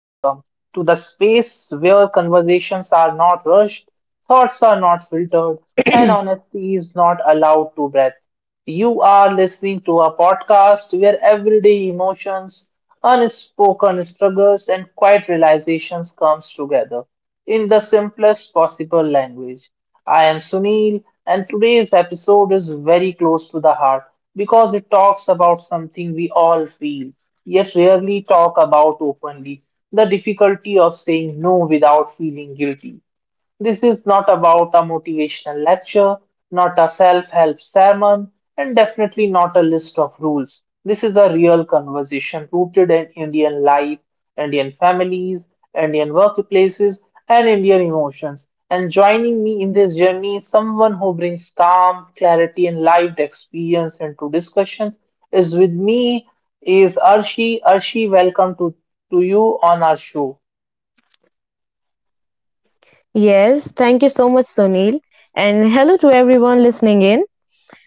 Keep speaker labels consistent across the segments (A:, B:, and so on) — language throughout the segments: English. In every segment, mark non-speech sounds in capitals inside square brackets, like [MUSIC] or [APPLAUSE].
A: to the space where conversations are not rushed, thoughts are not filtered, and honesty is not allowed to breathe. You are listening to a podcast where everyday emotions, unspoken struggles, and quiet realizations comes together in the simplest possible language. I am Sunil, and today's episode is very close to the heart because it talks about something we all feel, yet rarely talk about openly the difficulty of saying no without feeling guilty. This is not about a motivational lecture, not a self help sermon, and definitely not a list of rules. This is a real conversation rooted in Indian life, Indian families, Indian workplaces, and Indian emotions. And joining me in this journey is someone who brings calm, clarity, and lived experience into discussions. Is with me is Arshi. Arshi, welcome to you on our show.
B: Yes, thank you so much, Sunil. And hello to everyone listening in.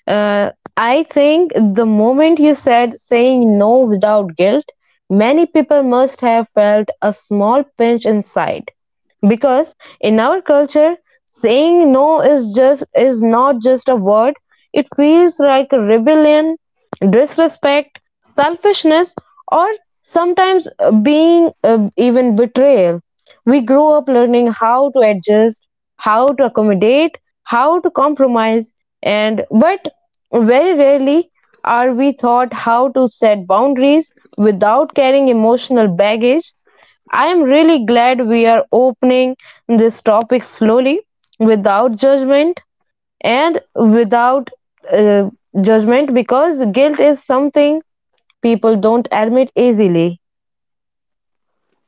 B: Uh, I think the moment you said saying no without guilt, many people must have felt a small pinch inside, because in our culture saying no is not just a word. It feels like a rebellion, disrespect, selfishness, or sometimes being even betrayal. We grow up learning how to adjust, how to accommodate, how to compromise, and but very rarely are we taught how to set boundaries without carrying emotional baggage. I am really glad we are opening this topic slowly, without judgment and without uh, judgment, because guilt is something people don't admit easily.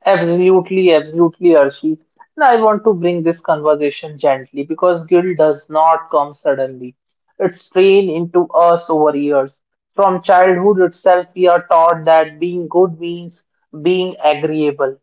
A: Absolutely, absolutely, Arshi. And I want to bring this conversation gently because guilt does not come suddenly. It's trained into us over years. From childhood itself, we are taught that being good means being agreeable.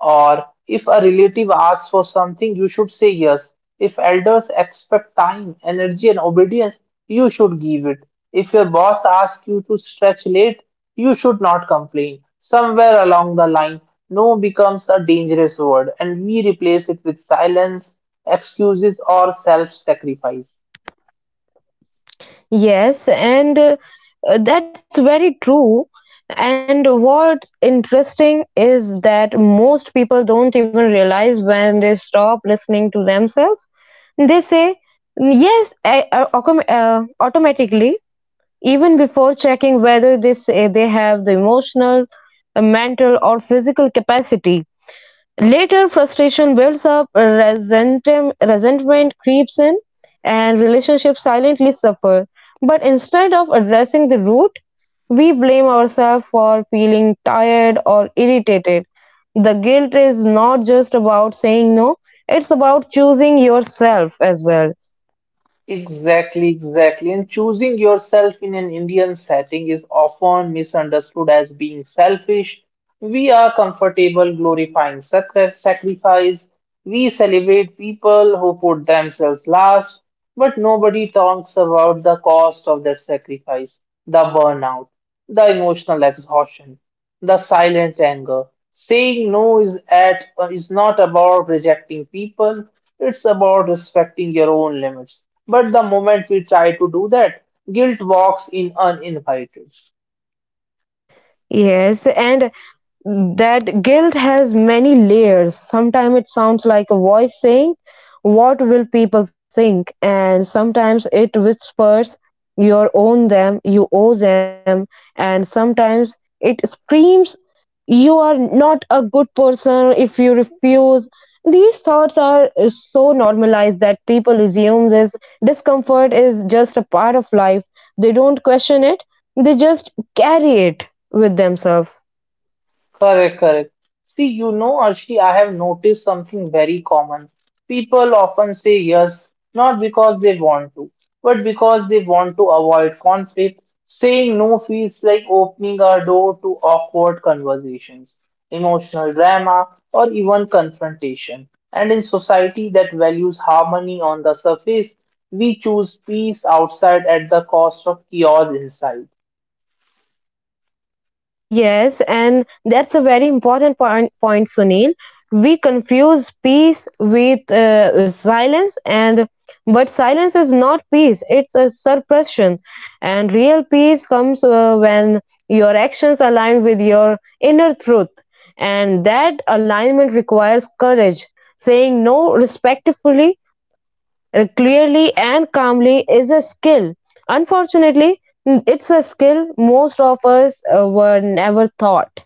A: Or if a relative asks for something, you should say yes. If elders expect time, energy, and obedience, you should give it. If your boss asks you to stretch late, you should not complain. Somewhere along the line, no becomes a dangerous word, and we replace it with silence, excuses, or self sacrifice.
B: Yes, and that's very true. And what's interesting is that most people don't even realize when they stop listening to themselves. They say yes automatically, even before checking whether they say they have the emotional, mental, or physical capacity. Later, frustration builds up, resentment creeps in, and relationships silently suffer. But instead of addressing the root, we blame ourselves for feeling tired or irritated. The guilt is not just about saying no, it's about choosing yourself as well.
A: Exactly, exactly. And choosing yourself in an Indian setting is often misunderstood as being selfish. We are comfortable glorifying sacrifice. We celebrate people who put themselves last, but nobody talks about the cost of that sacrifice, the burnout the emotional exhaustion, the silent anger. Saying no is at is not about rejecting people, it's about respecting your own limits. But the moment we try to do that, guilt walks in uninvited.
B: Yes, and that guilt has many layers. Sometimes it sounds like a voice saying, "What will people think?" And sometimes it whispers, "You own them, you owe them." And sometimes it screams, "You are not a good person if you refuse." These thoughts are so normalized that people assume this discomfort is just a part of life. They don't question it, they just carry it with themselves.
A: Correct, correct. See, you know, Arshi, I have noticed something very common. People often say yes, not because they want to, but because they want to avoid conflict. Saying no feels like opening a door to awkward conversations, emotional drama, or even confrontation. And in society that values harmony on the surface, we choose peace outside at the cost of chaos inside.
B: Yes, and that's a very important point, Sunil. We confuse peace with silence, and but silence is not peace; it's a suppression. And real peace comes when your actions align with your inner truth, and that alignment requires courage. Saying no respectfully, clearly, and calmly is a skill. Unfortunately, it's a skill most of us were never taught.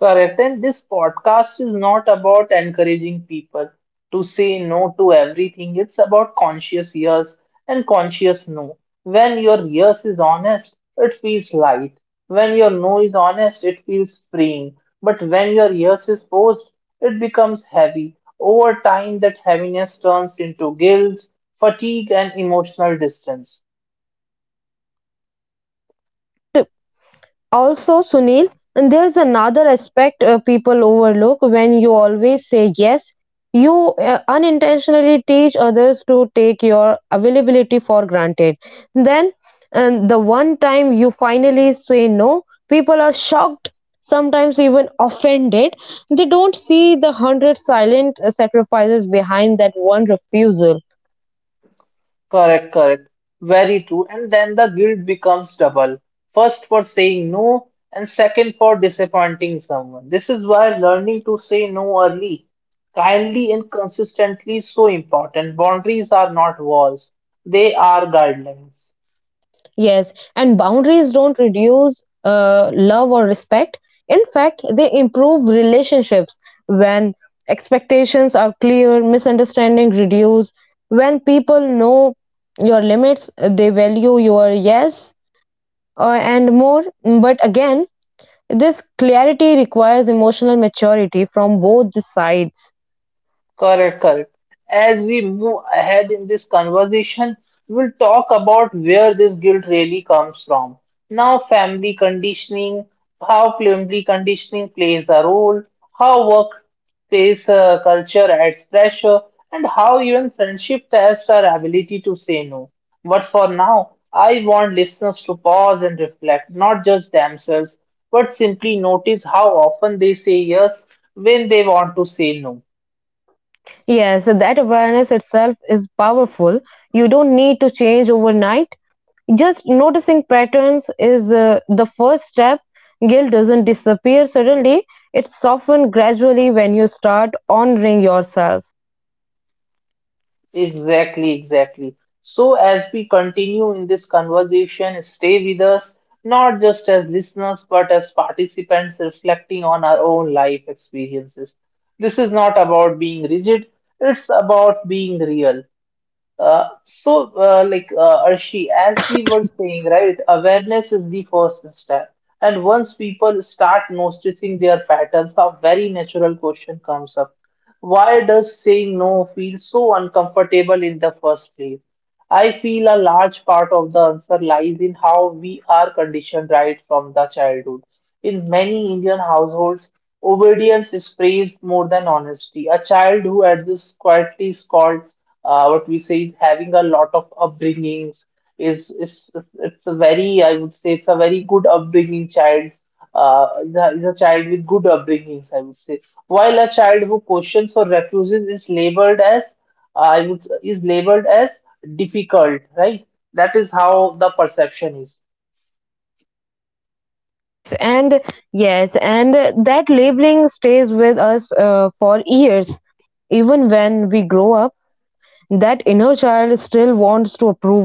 A: Correct. And this podcast is not about encouraging people to say no to everything. It's about conscious yes and conscious no. When your yes is honest, it feels light. When your no is honest, it feels freeing. But when your yes is forced, it becomes heavy. Over time, that heaviness turns into guilt, fatigue, and emotional distance.
B: And also, Sunil, and there's another aspect people overlook when you always say yes. You unintentionally teach others to take your availability for granted. Then, and the one time you finally say no, people are shocked, sometimes even offended. They don't see the hundred silent sacrifices behind that one refusal.
A: Correct, correct. Very true. And then the guilt becomes double. First for saying no, and second for disappointing someone. This is why learning to say no early, kindly and consistently is so important. Boundaries are not walls, they are guidelines.
B: Yes, and boundaries don't reduce love or respect. In fact, they improve relationships when expectations are clear, misunderstanding reduce. When people know your limits, they value your yes and more. But again, this clarity requires emotional maturity from both the sides.
A: Correct, correct. As we move ahead in this conversation, we'll talk about where this guilt really comes from. Now, family conditioning, how family conditioning plays a role, how workplace culture adds pressure, and how even friendship tests our ability to say no. But for now, I want listeners to pause and reflect, not just themselves, but simply notice how often they say yes when they want to say no.
B: Yes, that awareness itself is powerful. You don't need to change overnight. Just noticing patterns is the first step. Guilt doesn't disappear suddenly, it softens gradually when you start honoring yourself.
A: Exactly, exactly. So, as we continue in this conversation, stay with us, not just as listeners, but as participants reflecting on our own life experiences. This is not about being rigid, it's about being real. Arshi, as we were saying, right, awareness is the first step. And once people start noticing their patterns, a very natural question comes up. Why does saying no feel so uncomfortable in the first place? I feel a large part of the answer lies in how we are conditioned right from the childhood. In many Indian households, obedience is praised more than honesty. A child who adjusts quietly is called what we say is having a lot of upbringings is It's a very, I would say, it's a very good upbringing child, is a child with good upbringings, I would say, while a child who questions or refuses is labeled as, I would is labeled as difficult, right? That is how the perception is.
B: Yes, and yes, and that labeling stays with us for years. Even when we grow up, that inner child still wants to approval.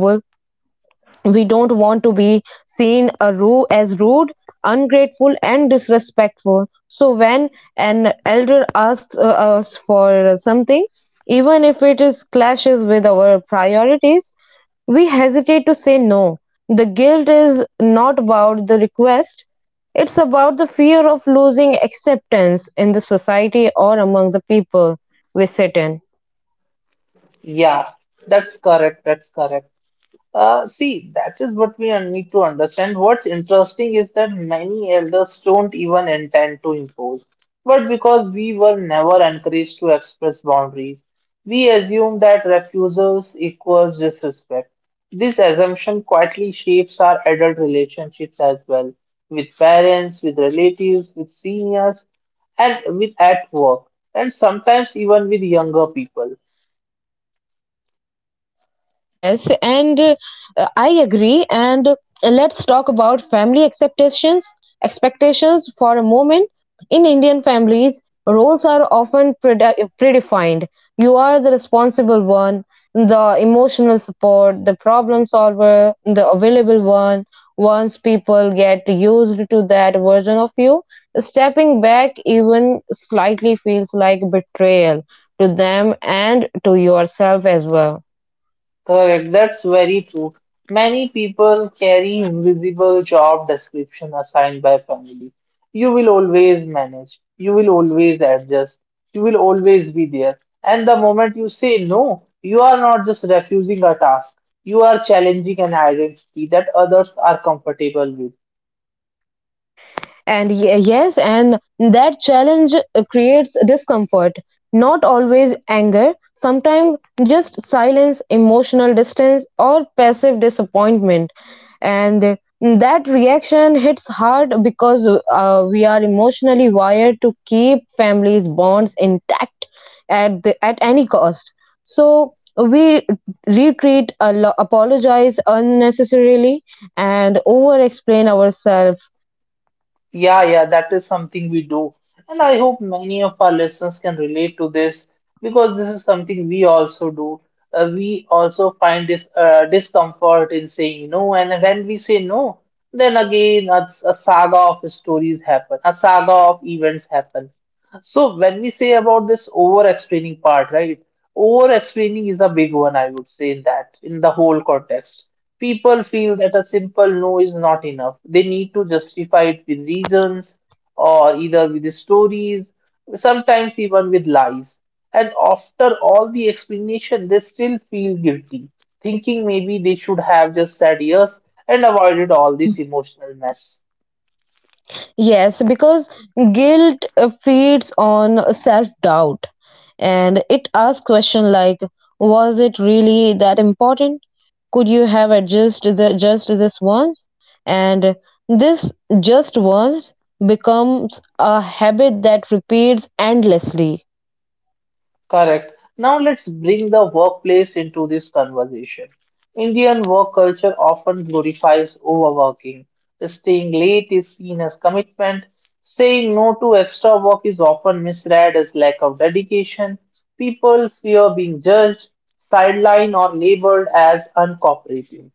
B: We don't want to be seen as rude, ungrateful, and disrespectful. So when an elder asks us for something, even if it is clashes with our priorities, we hesitate to say no. The guilt is not about the request; it's about the fear of losing acceptance in the society or among the people we sit in.
A: Yeah, that's correct. That's correct. See, that is what we need to understand. What's interesting is that many elders don't even intend to impose, but because we were never encouraged to express boundaries, we assume that refusals equals disrespect. This assumption quietly shapes our adult relationships as well, with parents, with relatives, with seniors, and with at work, and sometimes even with younger people.
B: Yes, and I agree. And let's talk about family expectations for a moment. In Indian families, roles are often predefined. You are the responsible one, the emotional support, the problem solver, the available one. Once people get used to that version of you, stepping back even slightly feels like betrayal, to them and to yourself as well.
A: Correct, that's very true. Many people carry invisible job description assigned by family. You will always manage, you will always adjust, you will always be there. And the moment you say no, you are not just refusing a task, you are challenging an identity that others are comfortable with.
B: Yes, and that challenge creates discomfort, not always anger, sometimes just silence, emotional distance, or passive disappointment. And that reaction hits hard because we are emotionally wired to keep families' bonds intact at, the, at any cost. So we retreat, apologize unnecessarily, and over explain ourselves.
A: Yeah, yeah, that is something we do. And I hope many of our listeners can relate to this because this is something we also do. We also find this discomfort in saying no. And when we say no, then again a saga of stories happen, a saga of events happen. So when we say about this over explaining part, right? Over explaining is a big one, I would say, in that, in the whole context. People feel that a simple no is not enough. They need to justify it with reasons or either with stories, sometimes even with lies. And after all the explanation, they still feel guilty, thinking maybe they should have just said yes and avoided all this emotional mess.
B: Yes, because guilt feeds on self-doubt, and it asks questions like, was it really that important? Could you have adjusted the, just this once? And this just once becomes a habit that repeats endlessly.
A: Correct. Now let's bring the workplace into this conversation. Indian work culture often glorifies overworking. Staying late is seen as commitment. Saying no to extra work is often misread as lack of dedication. People fear being judged, sidelined, or labeled as uncooperative.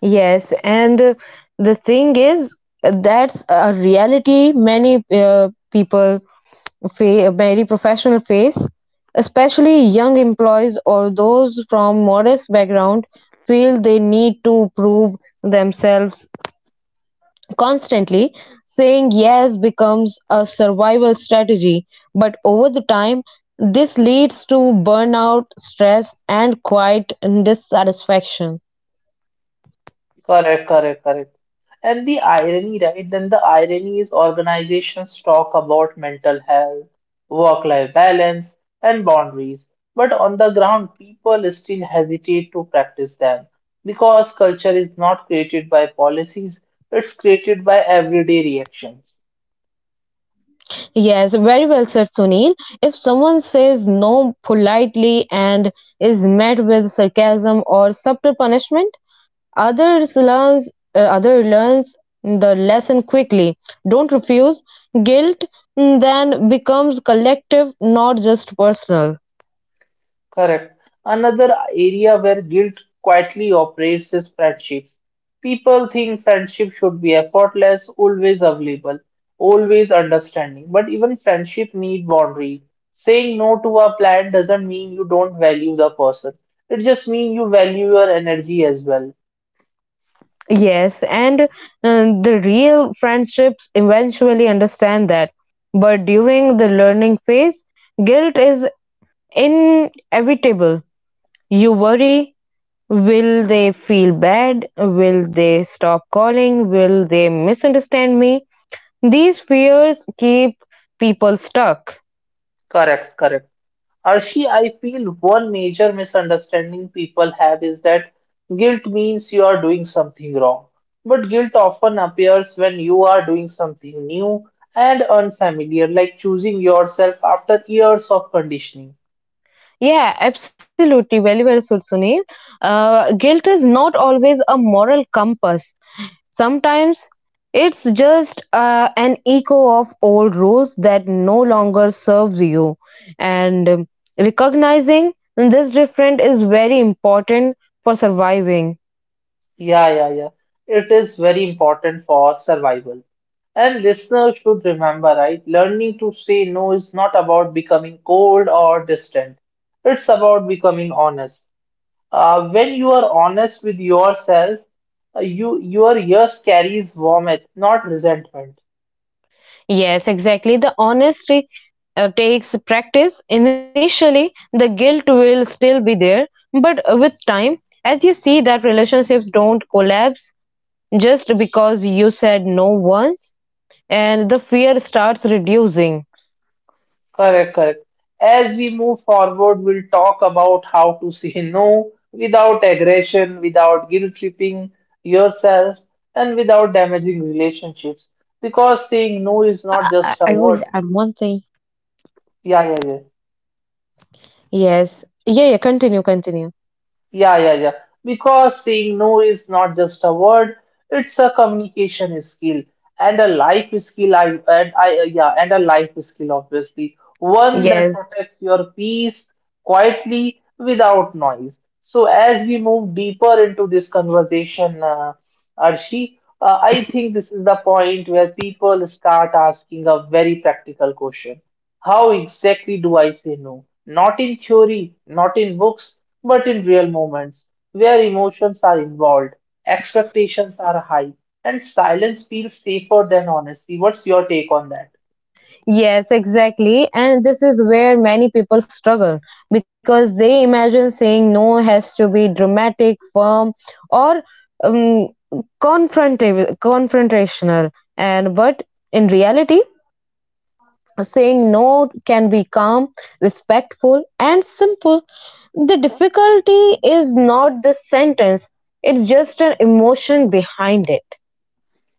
B: Yes, and the thing is, that's a reality many people very professional face. Especially young employees or those from modest background feel they need to prove themselves constantly. Saying yes becomes a survival strategy, but over the time, this leads to burnout, stress, and quiet dissatisfaction.
A: Correct, correct, correct. And the irony, right? Then the irony is organizations talk about mental health, work-life balance, and boundaries, but on the ground, people still hesitate to practice them because culture is not created by policies, it's created by everyday reactions.
B: Yes, very well said, Sunil. If someone says no politely and is met with sarcasm or subtle punishment, Others learns other learns the lesson quickly. Don't refuse. Guilt then becomes collective, not just personal.
A: Correct. Another area where guilt quietly operates is friendships. People think friendship should be effortless, always available, always understanding. But even friendship need boundaries. Saying no to a plan doesn't mean you don't value the person. It just means you value your energy as well.
B: Yes, and the real friendships eventually understand that. But during the learning phase, guilt is inevitable. You worry, will they feel bad? Will they stop calling? Will they misunderstand me? These fears keep people stuck.
A: Correct, correct. Arshi, I feel one major misunderstanding people have is that guilt means you are doing something wrong. But guilt often appears when you are doing something new and unfamiliar, like choosing yourself after years of conditioning.
B: Yeah, absolutely. Very well said, Sunil. Guilt is not always a moral compass. Sometimes it's just an echo of old rules that no longer serves you. And recognizing this different is very important for surviving.
A: Yeah, yeah, yeah. It is very important for survival. And listeners should remember, right? Learning to say no is not about becoming cold or distant. It's about becoming honest. When you are honest with yourself, you your years carries warmth, not resentment.
B: Yes, exactly. The honesty takes practice. Initially, the guilt will still be there, but with time, as you see that relationships don't collapse just because you said no once, and the fear starts reducing.
A: Correct, correct. As we move forward, we'll talk about how to say [LAUGHS] no without aggression, without guilt tripping yourself, and without damaging relationships. Because saying no is not
B: I,
A: just a
B: I would
A: word.
B: add one thing.
A: Yeah, yeah, yeah.
B: Yes. Yeah, yeah, continue, continue.
A: Yeah, yeah, yeah. Because saying no is not just a word, it's a communication skill and a life skill. I and I Yeah, and a life skill obviously. One that
B: Yes.
A: protects your peace quietly without noise. So as we move deeper into this conversation, Arshi, I think this is the point where people start asking a very practical question. How exactly do I say no? Not in theory, not in books, but in real moments where emotions are involved, expectations are high, and silence feels safer than honesty. What's your take on that?
B: Yes, exactly. And this is where many people struggle because they imagine saying no has to be dramatic, firm, or um, confrontational. And but in reality, saying no can be calm, respectful, and simple. The difficulty is not the sentence, it's just an emotion behind it.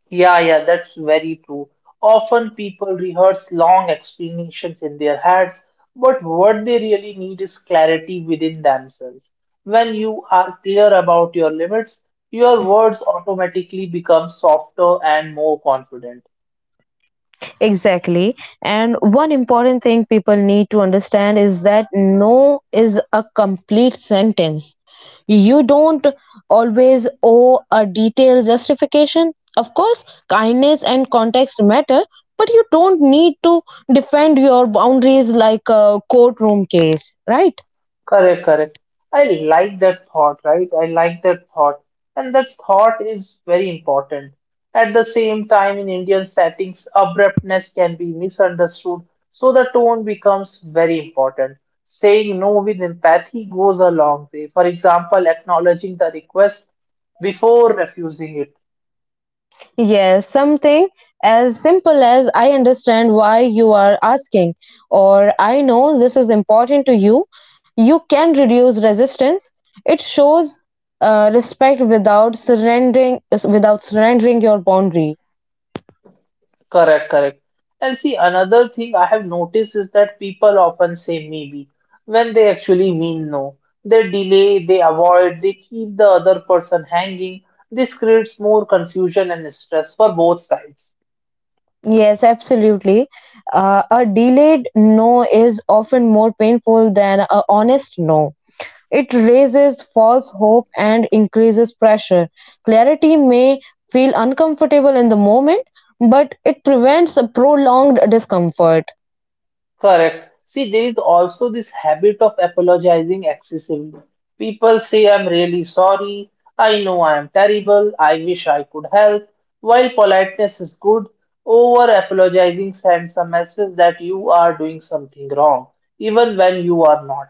A: Yeah, yeah, that's very true. Often people rehearse long explanations in their heads, but what they really need is clarity within themselves. When you are clear about your limits, your words automatically become softer and more confident.
B: Exactly. And one important thing people need to understand is that no is a complete sentence. You don't always owe a detailed justification. Of course, kindness and context matter, but you don't need to defend your boundaries like a courtroom case, right?
A: Correct, correct. I like that thought, right? I like that thought. And that thought is very important. At the same time, in Indian settings, abruptness can be misunderstood, so the tone becomes very important. Saying no with empathy goes a long way. For example, acknowledging the request before refusing it.
B: Yes, something as simple as I understand why you are asking, or I know this is important to you. You can reduce resistance. It shows respect without surrendering your boundary.
A: Correct, correct. And see, another thing I have noticed is that people often say maybe when they actually mean no. They delay, they avoid, they keep the other person hanging. This creates more confusion and stress for both sides.
B: Yes, absolutely. A delayed no is often more painful than a honest no. It raises false hope and increases pressure. Clarity may feel uncomfortable in the moment, but it prevents a prolonged discomfort.
A: Correct. See, there is also this habit of apologizing excessively. People say, I'm really sorry. I know I am terrible. I wish I could help. While politeness is good, over apologizing sends a message that you are doing something wrong, even when you are not.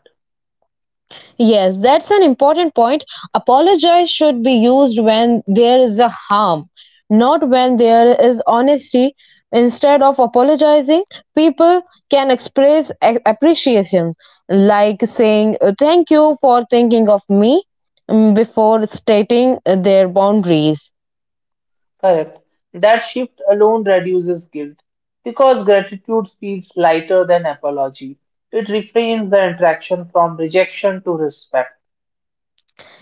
B: Yes, that's an important point. Apologize should be used when there is a harm, not when there is honesty. Instead of apologizing, people can express appreciation, like saying, thank you for thinking of me mm, before stating their boundaries.
A: Correct. That shift alone reduces guilt because gratitude feels lighter than apology. It reframes the interaction from rejection to respect.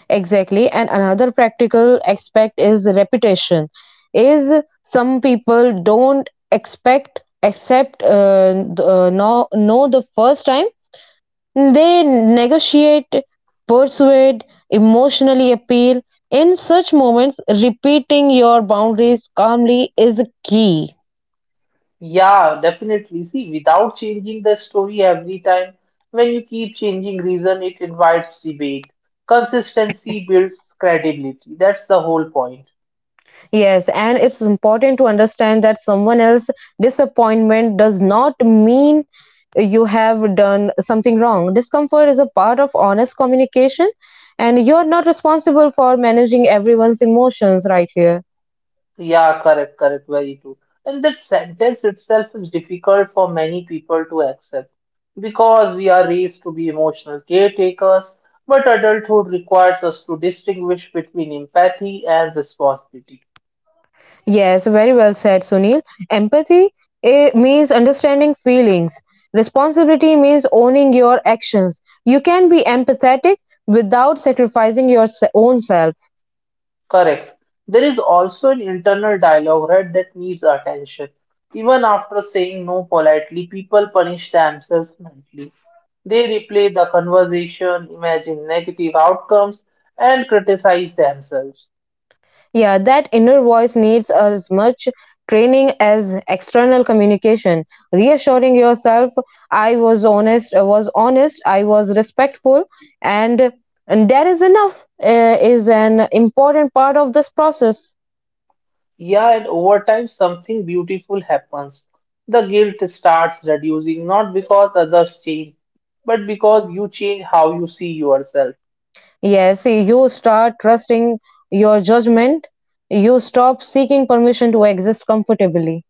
B: Exactly. And another practical aspect is repetition. Is some people don't expect, accept, th- know the first time. They negotiate, persuade, emotionally appeal. In such moments, repeating your boundaries calmly is key.
A: Yeah, definitely. See, without changing the story every time, when you keep changing reason, it invites debate. Consistency builds credibility. That's the whole point.
B: Yes, and it's important to understand that someone else's disappointment does not mean you have done something wrong. Discomfort is a part of honest communication, and you're not responsible for managing everyone's emotions right here.
A: Yeah, correct, correct, very true. And that sentence itself is difficult for many people to accept because we are raised to be emotional caretakers, but adulthood requires us to distinguish between empathy and responsibility.
B: Yes, very well said, Sunil. Empathy means understanding feelings. Responsibility means owning your actions. You can be empathetic without sacrificing your own self.
A: Correct. There is also an internal dialogue, right, that needs attention. Even after saying no politely, people punish themselves mentally. They replay the conversation, imagine negative outcomes, and criticize themselves.
B: Yeah, that inner voice needs as much training as external communication. Reassuring yourself, I was honest, I was respectful, and, and that is enough is an important part of this process.
A: Yeah, and over time, something beautiful happens. The guilt starts reducing, not because others change, but because you change how you see yourself.
B: Yes, you start trusting your judgment, you stop seeking permission to exist comfortably.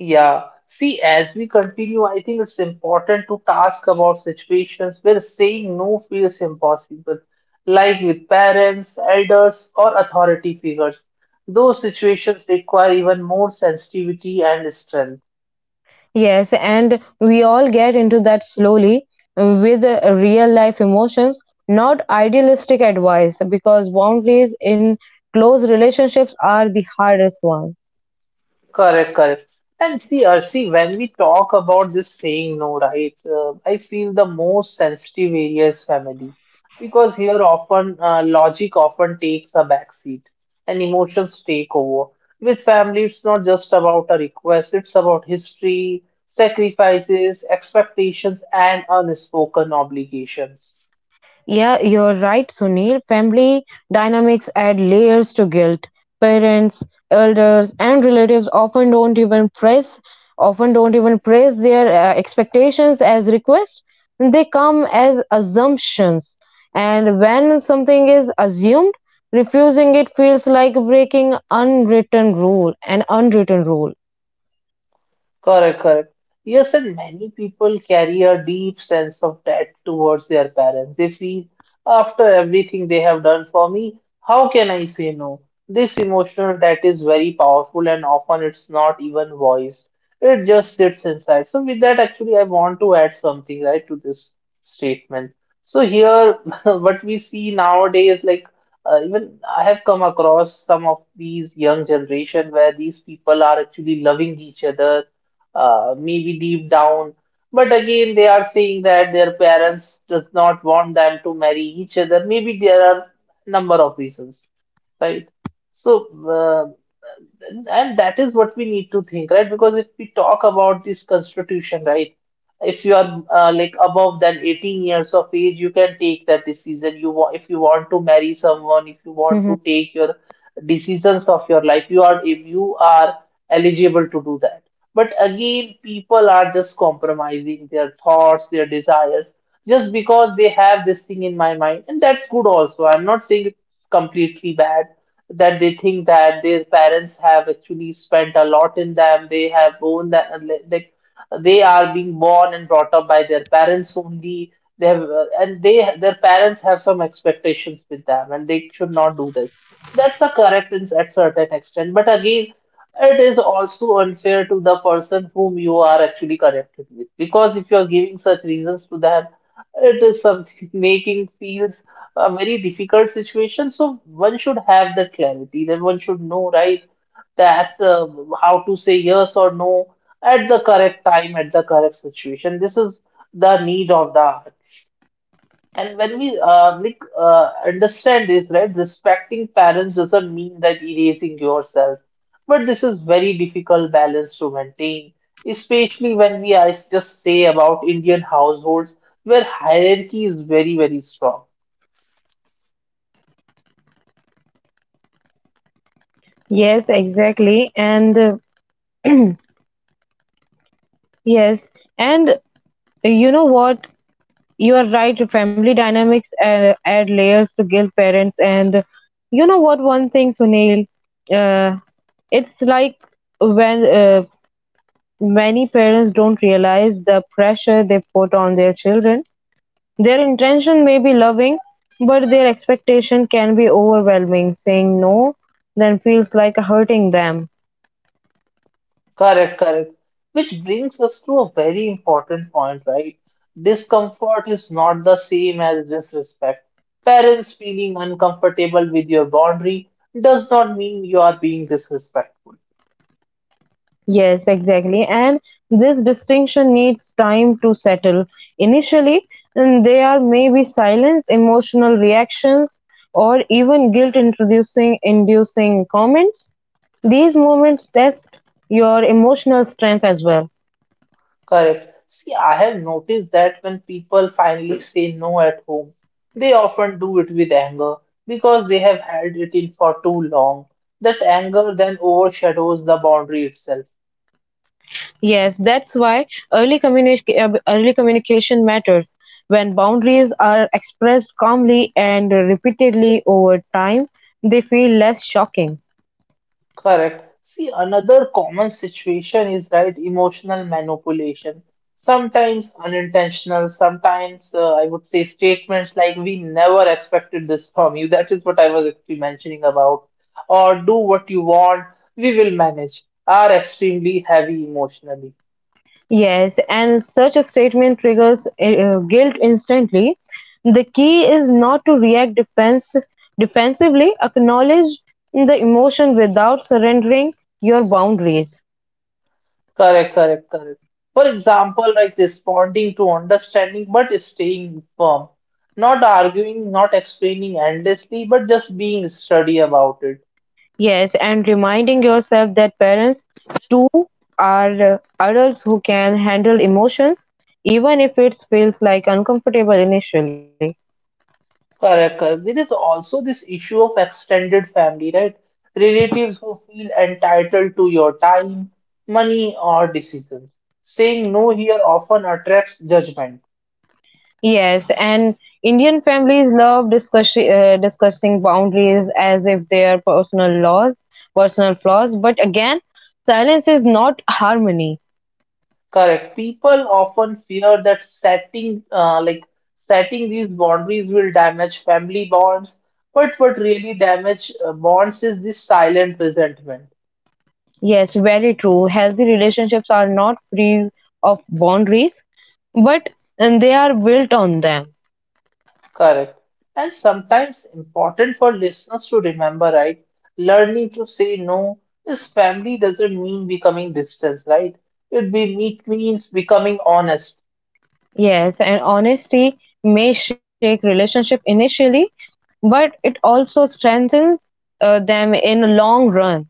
A: Yeah, see, as we continue, I think it's important to ask about situations where saying no feels impossible, like with parents, elders, or authority figures. Those situations require even more sensitivity and strength.
B: Yes, and we all get into that slowly with real life emotions, not idealistic advice, because boundaries in close relationships are the hardest one.
A: Correct, correct. And see, Arsi, when we talk about this saying no, right, I feel the most sensitive area is family because here often logic often takes a backseat and emotions take over. With family, it's not just about a request, it's about history, sacrifices, expectations, and unspoken obligations.
B: Yeah, you're right, Sunil. Family dynamics add layers to guilt. Parents, elders, and relatives often don't even praise their expectations as requests. They come as assumptions, and when something is assumed, refusing it feels like an unwritten rule.
A: Correct, correct. Yes, and many people carry a deep sense of debt towards their parents. They feel, after everything they have done for me, how can I say no? This emotional debt is very powerful and often it's not even voiced. It just sits inside. So with that, actually, I want to add something, right, to this statement. So here, [LAUGHS] what we see nowadays, like even I have come across some of these young generation where these people are actually loving each other maybe deep down. But again, they are saying that their parents does not want them to marry each other. Maybe there are number of reasons right? So, uh, and that is what we need to think, right? Because if we talk about this constitution, right? If you are like above than 18 years of age, you can take that decision. You want if you want to marry someone, if you want
B: Mhm.
A: to take your decisions of your life, you are if you are eligible to do that. But again, people are just compromising their thoughts, their desires, just because they have this thing in my mind, and that's good also. I'm not saying it's completely bad that they think that their parents have actually spent a lot in them. They have owned that, like they are being born and brought up by their parents only. They have, and they their parents have some expectations with them, and they should not do this. That's the correct in at certain extent, but again, it is also unfair to the person whom you are actually connected with because if you are giving such reasons to them, it is something [LAUGHS] making feels a very difficult situation. So one should have the clarity that one should know, right, that how to say yes or no at the correct time, at the correct situation. This is the need of the art. And when we like understand this, right, respecting parents doesn't mean that erasing yourself, but this is very difficult balance to maintain, especially when we are just say about Indian households where hierarchy is very, very strong.
B: Yes, exactly. And [CLEARS THROAT] yes, and you know what? You are right. Family dynamics add layers to guilt parents, and you know what? One thing, Sunil, uh, it's like when many parents don't realize the pressure they put on their children. Their intention may be loving, but their expectation can be overwhelming. Saying no then feels like hurting them.
A: Correct, correct. Which brings us to a very important point, right? Discomfort is not the same as disrespect. Parents feeling uncomfortable with your boundary does not mean you are being disrespectful.
B: Yes, exactly. And this distinction needs time to settle. Initially, mm, there may be silence, emotional reactions, or even guilt introducing inducing comments. These moments test your emotional strength as well.
A: Correct. See, I have noticed that when people finally say no at home, they often do it with anger because they have had it in for too long. That anger then overshadows the boundary itself.
B: Yes, that's why early communication matters. When boundaries are expressed calmly and repeatedly over time, they feel less shocking.
A: Correct. See, another common situation is right emotional manipulation. Sometimes unintentional, sometimes I would say statements like "We never expected this from you." That is what I was actually mentioning about. Or do what you want, we will manage. Are extremely heavy emotionally.
B: Yes, and such a statement triggers guilt instantly. The key is not to defensively, acknowledge the emotion without surrendering your boundaries.
A: Correct, correct, correct. For example, like responding to understanding but staying firm, not arguing, not explaining endlessly, but just being steady about it.
B: Yes, and reminding yourself that parents too are adults who can handle emotions, even if it feels like uncomfortable initially.
A: Correct, correct. There is also this issue of extended family, right? Relatives who feel entitled to your time, money, or decisions. Saying no here often attracts judgment.
B: Yes, and Indian families love discussing boundaries as if they are personal flaws. But again, silence is not harmony.
A: Correct. People often fear that setting, like setting these boundaries will damage family bonds. But what really damage bonds is this silent resentment.
B: Yes, very true. Healthy relationships are not free of boundaries, but and they are built on them.
A: Correct. And sometimes important for listeners to remember, right? Learning to say no is family doesn't mean becoming distant, right? It be it means becoming honest.
B: Yes, and honesty may shake relationship initially, but it also strengthens them in long run.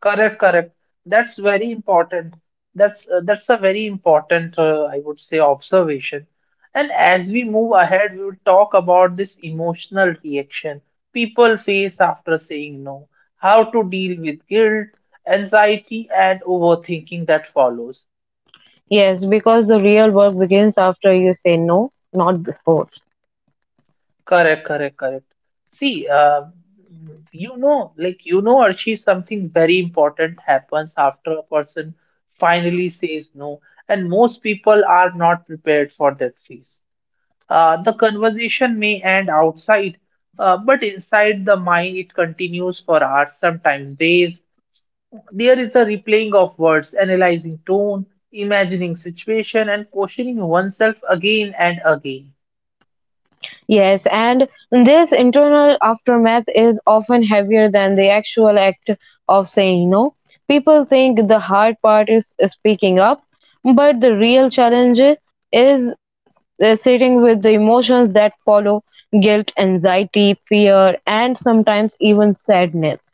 A: Correct, correct. That's very important. That's a very important, I would say, observation. And as we move ahead, we will talk about this emotional reaction people face after saying no, how to deal with guilt, anxiety, and overthinking that follows.
B: Yes, because the real work begins after you say no, not before.
A: Correct, correct, correct. See, Archie, something very important happens after a person finally says no, and most people are not prepared for that phase. The conversation may end outside, but inside the mind, it continues for hours, sometimes days. There is a replaying of words, analyzing tone, imagining situation, and questioning oneself again and again.
B: Yes, and this internal aftermath is often heavier than the actual act of saying no. People think the hard part is speaking up, but the real challenge is sitting with the emotions that follow guilt, anxiety, fear, and sometimes even sadness.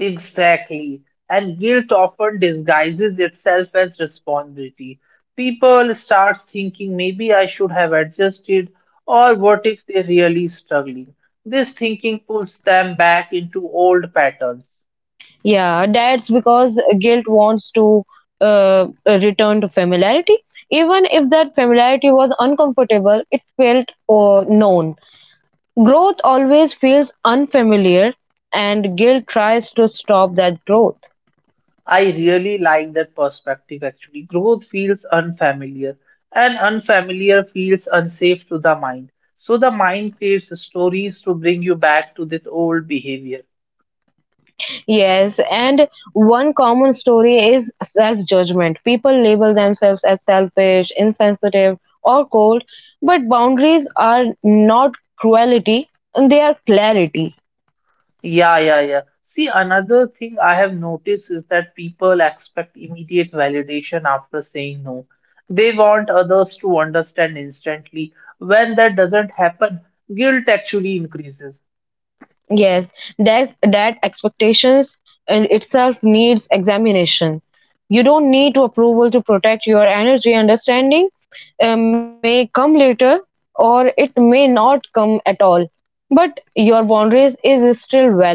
A: Exactly. And guilt often disguises itself as responsibility. People start thinking maybe I should have adjusted, or what if they're really struggling? This thinking pulls them back into old patterns.
B: Yeah, that's because guilt wants to return to familiarity. Even if that familiarity was uncomfortable, it felt known. Growth always feels unfamiliar, and guilt tries to stop that growth.
A: I really like that perspective actually. Growth feels unfamiliar, and unfamiliar feels unsafe to the mind. So the mind creates stories to bring you back to this old behavior.
B: Yes, and one common story is self judgment. People label themselves as selfish, insensitive, or cold, but boundaries are not cruelty, they are clarity.
A: Yeah, yeah, yeah. See, another thing I have noticed is that people expect immediate validation after saying no. They want others to understand instantly. When that doesn't happen, guilt actually increases.
B: Yes, that's that expectations in itself needs examination. You don't need to approval to protect your energy. Understanding may come later or it may not come at all. But your boundaries is still valid.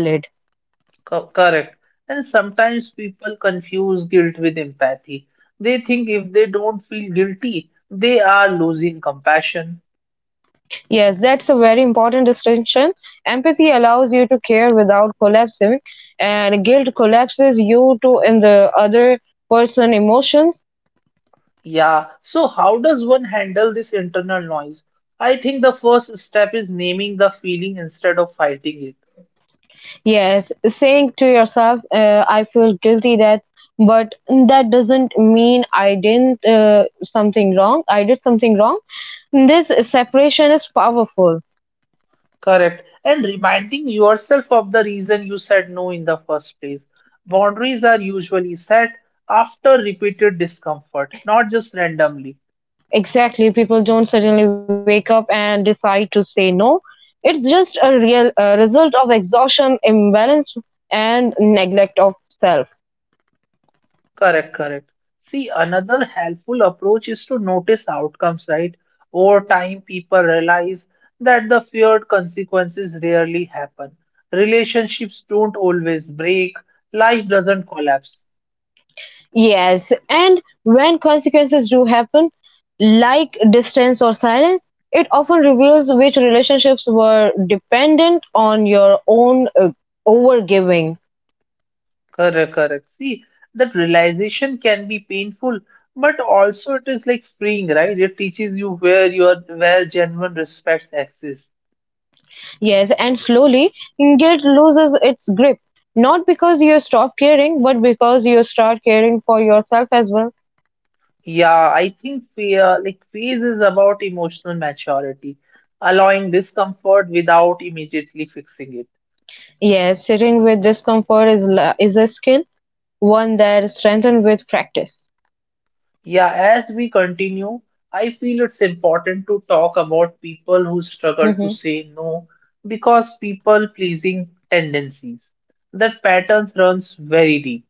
A: Correct. And sometimes people confuse guilt with empathy. They think if they don't feel guilty, they are losing compassion.
B: Yes, that's a very important distinction. Empathy allows you to care without collapsing, and guilt collapses you to in the other person emotions.
A: Yeah, so how does one handle this internal noise? I think the first step is naming the feeling instead of fighting it.
B: Yes, saying to yourself, I feel guilty that, but that doesn't mean I didn't something wrong. I did something wrong. This separation is powerful.
A: Correct. And reminding yourself of the reason you said no in the first place. Boundaries are usually set after repeated discomfort, not just randomly.
B: Exactly, people don't suddenly wake up and decide to say no. It's just a real result of exhaustion, imbalance, and neglect of self.
A: Correct, correct. See, another helpful approach is to notice outcomes, right? Over time, people realize that the feared consequences rarely happen. Relationships don't always break, life doesn't collapse.
B: Yes, and when consequences do happen, like distance or silence, it often reveals which relationships were dependent on your own overgiving.
A: Correct, correct. See, that realization can be painful, but also it is like freeing, right? It teaches you where your where genuine respect exists.
B: Yes, and slowly, guilt loses its grip, not because you stop caring, but because you start caring for yourself as well.
A: Yeah, I think fear, like phase is about emotional maturity, allowing discomfort without immediately fixing it.
B: Yes, sitting with discomfort is a skill, one that strengthened with practice.
A: Yeah, as we continue, I feel it's important to talk about people who
B: Mhm.
A: struggle to say no because people pleasing tendencies. That patterns runs very deep.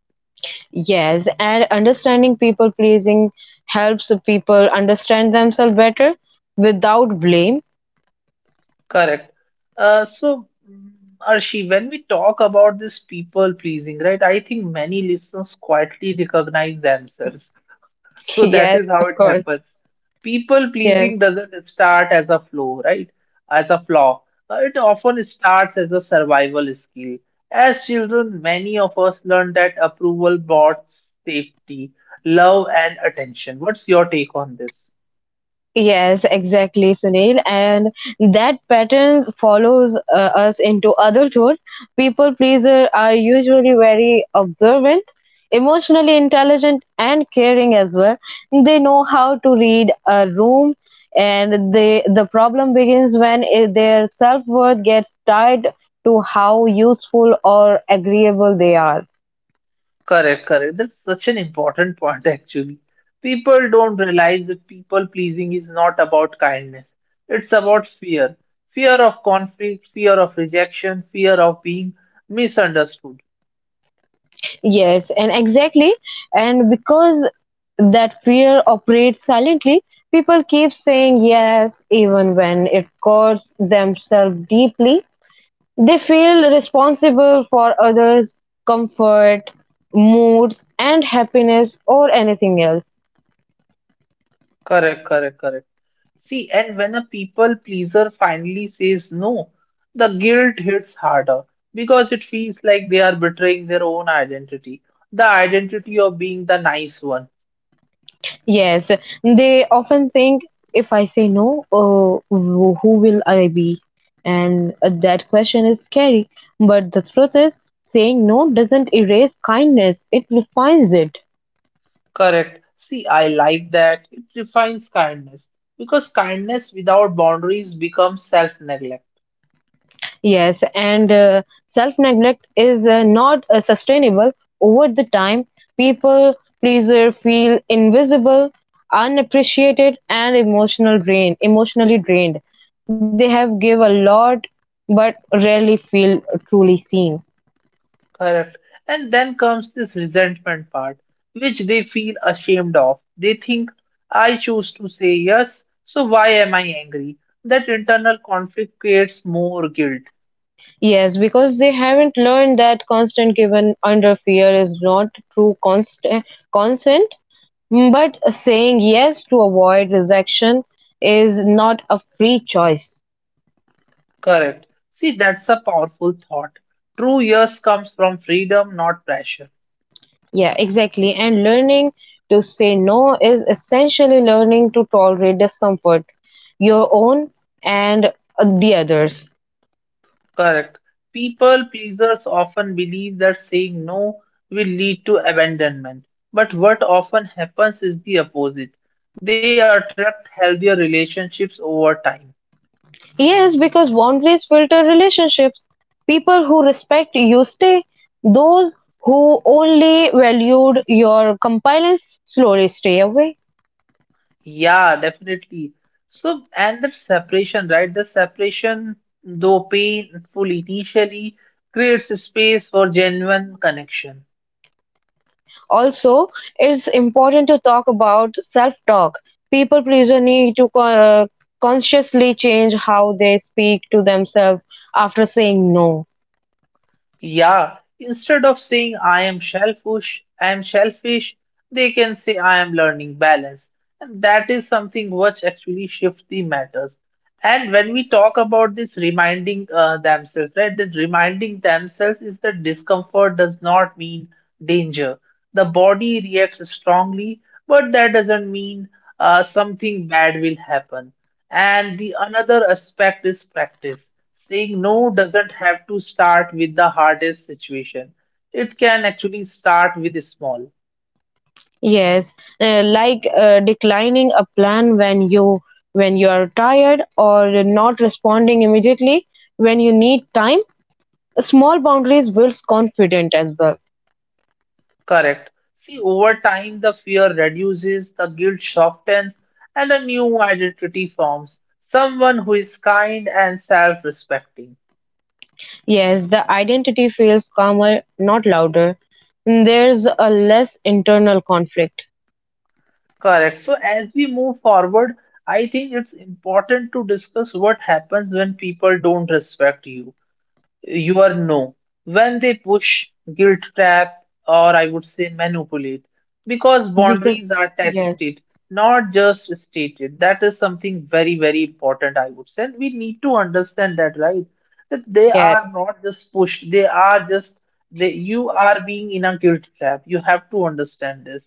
B: Yes, and understanding people pleasing helps people understand themselves better without blame.
A: Correct. Uh, so, mm, Arshi, when we talk about this people pleasing, right, I think many listeners quietly recognize themselves.
B: [LAUGHS]
A: So that
B: Yes,
A: is how
B: of
A: it
B: course.
A: happens. People
B: Yes.
A: pleasing doesn't start as a flaw, right? As a flaw. It often starts as a survival skill. As children, many of us learn that approval brought safety, love, and attention. What's your take on this?
B: Yes, exactly, Sunil. And that pattern follows us into adulthood. People pleasers are usually very observant, emotionally intelligent, and caring as well. They know how to read a room, and they, the problem begins when their self worth gets tied to how useful or agreeable they are.
A: Correct, correct. That's such an important point, actually. People don't realize that people pleasing is not about kindness. It's about fear. Fear of conflict, fear of rejection, fear of being misunderstood.
B: Yes, and exactly. And because that fear operates silently, people keep saying yes even when it costs themselves deeply. They feel responsible for others' comfort, moods, and happiness, or anything else.
A: Correct, correct, correct. See, and when a people pleaser finally says no, the guilt hits harder because it feels like they are betraying their own identity, the identity of being the nice one.
B: Yes, they often think if I say no, who will I be? And that question is scary. But the truth is, saying no doesn't erase kindness, it refines it.
A: Correct. See, I like that. It defines kindness because kindness without boundaries becomes self-neglect.
B: Yes, and self neglect is not sustainable over the time. People pleaser feel invisible, unappreciated, and emotionally drained. They have give a lot, but rarely feel truly seen.
A: Correct. And then comes this resentment part, which they feel ashamed of. They think, I choose to say yes, so why am I angry? That internal conflict creates more guilt.
B: Yes, because they haven't learned that constant given under fear is not true const- consent. Mm, but saying yes to avoid rejection is not a free choice.
A: Correct. See, that's a powerful thought. True yes comes from freedom, not pressure.
B: Yeah, exactly. And learning to say no is essentially learning to tolerate discomfort, your own and the others.
A: Correct. People pleasers often believe that saying no will lead to abandonment. But what often happens is the opposite. They attract healthier relationships over time.
B: Yes, because boundaries filter relationships. People who respect you stay. Those who only valued your compliance slowly stay away.
A: Yeah, definitely. So, and the separation, right? The separation, though painful initially, creates space for genuine connection.
B: Also, it's important to talk about self talk. People pleaser need to consciously change how they speak to themselves after saying no.
A: Yeah, instead of saying I am shellfish, they can say I am learning balance. And that is something which actually shifts the matters. And when we talk about this reminding themselves, right, that reminding themselves is that discomfort does not mean danger. The body reacts strongly, but that doesn't mean something bad will happen. And the another aspect is practice. Saying no doesn't have to start with the hardest situation. It can actually start with small.
B: Yes, like declining a plan when you are tired, or not responding immediately when you need time. Small boundaries builds confidence as well.
A: Correct. See, over time, the fear reduces, the guilt softens, and a new identity forms. Someone who is kind and self-respecting.
B: Yes, the identity feels calmer, not louder. There's a less internal conflict.
A: Correct. So as we move forward, I think it's important to discuss what happens when people don't respect you. You are no, when they push, guilt trap, or I would say manipulate, because
B: Because
A: boundaries are
B: yes,
A: tested, not just stated. That is something very very important, I would say, and we need to understand that, right? That they are
B: yes.
A: not just pushed, they are just, they, you are being in a guilt trap. You have to understand this.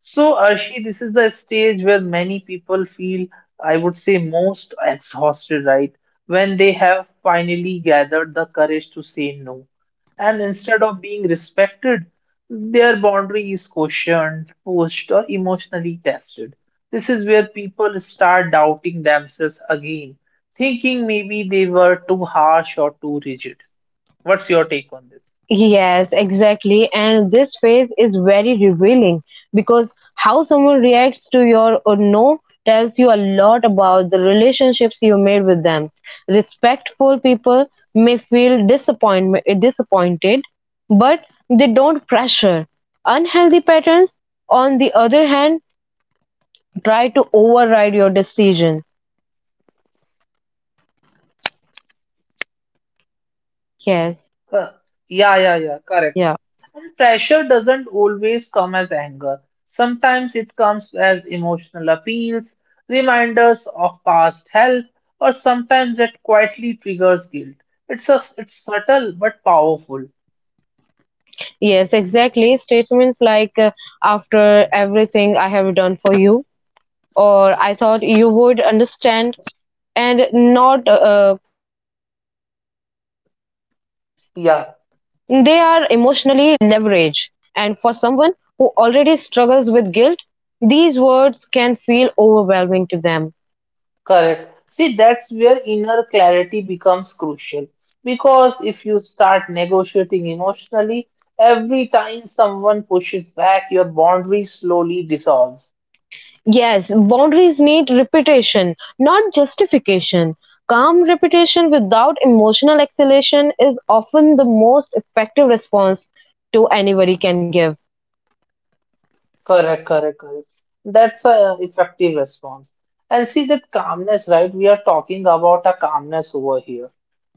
A: So, Arshi, this is the stage where many people feel, I would say, most exhausted, right? When they have finally gathered the courage to say no. And instead of being respected, their boundary is questioned, pushed, or emotionally tested. This is where people start doubting themselves again, thinking maybe they were too harsh or too rigid. What's your take on this?
B: Yes, exactly. And this phase is very revealing because how someone reacts to your or no tells you a lot about the relationships you made with them. Respectful people may feel disappointed, but they don't pressure. Unhealthy patterns, on the other hand, try to override your decision. Yes,
A: Huh. Yeah, yeah, yeah, correct.
B: yeah.
A: And pressure doesn't always come as anger. Sometimes it comes as emotional appeals, reminders of past help, or sometimes it quietly triggers guilt. It's subtle but powerful.
B: Yes, exactly. Statements like, after everything I have done for you or I thought you would understand, and not conversations. They are
A: Yeah,
B: emotionally leveraged, and for someone who already struggles with guilt, these words can feel overwhelming to them.
A: correct. See, that's where inner clarity becomes crucial. Because if you start negotiating emotionally, every time someone pushes back, your boundary slowly dissolves.
B: Yes, boundaries need repetition, not justification. Calm repetition without emotional exhalation is often the most effective response to anybody can give.
A: Correct, correct, correct. That's a effective response. And see that calmness, right? We are talking about a calmness over here.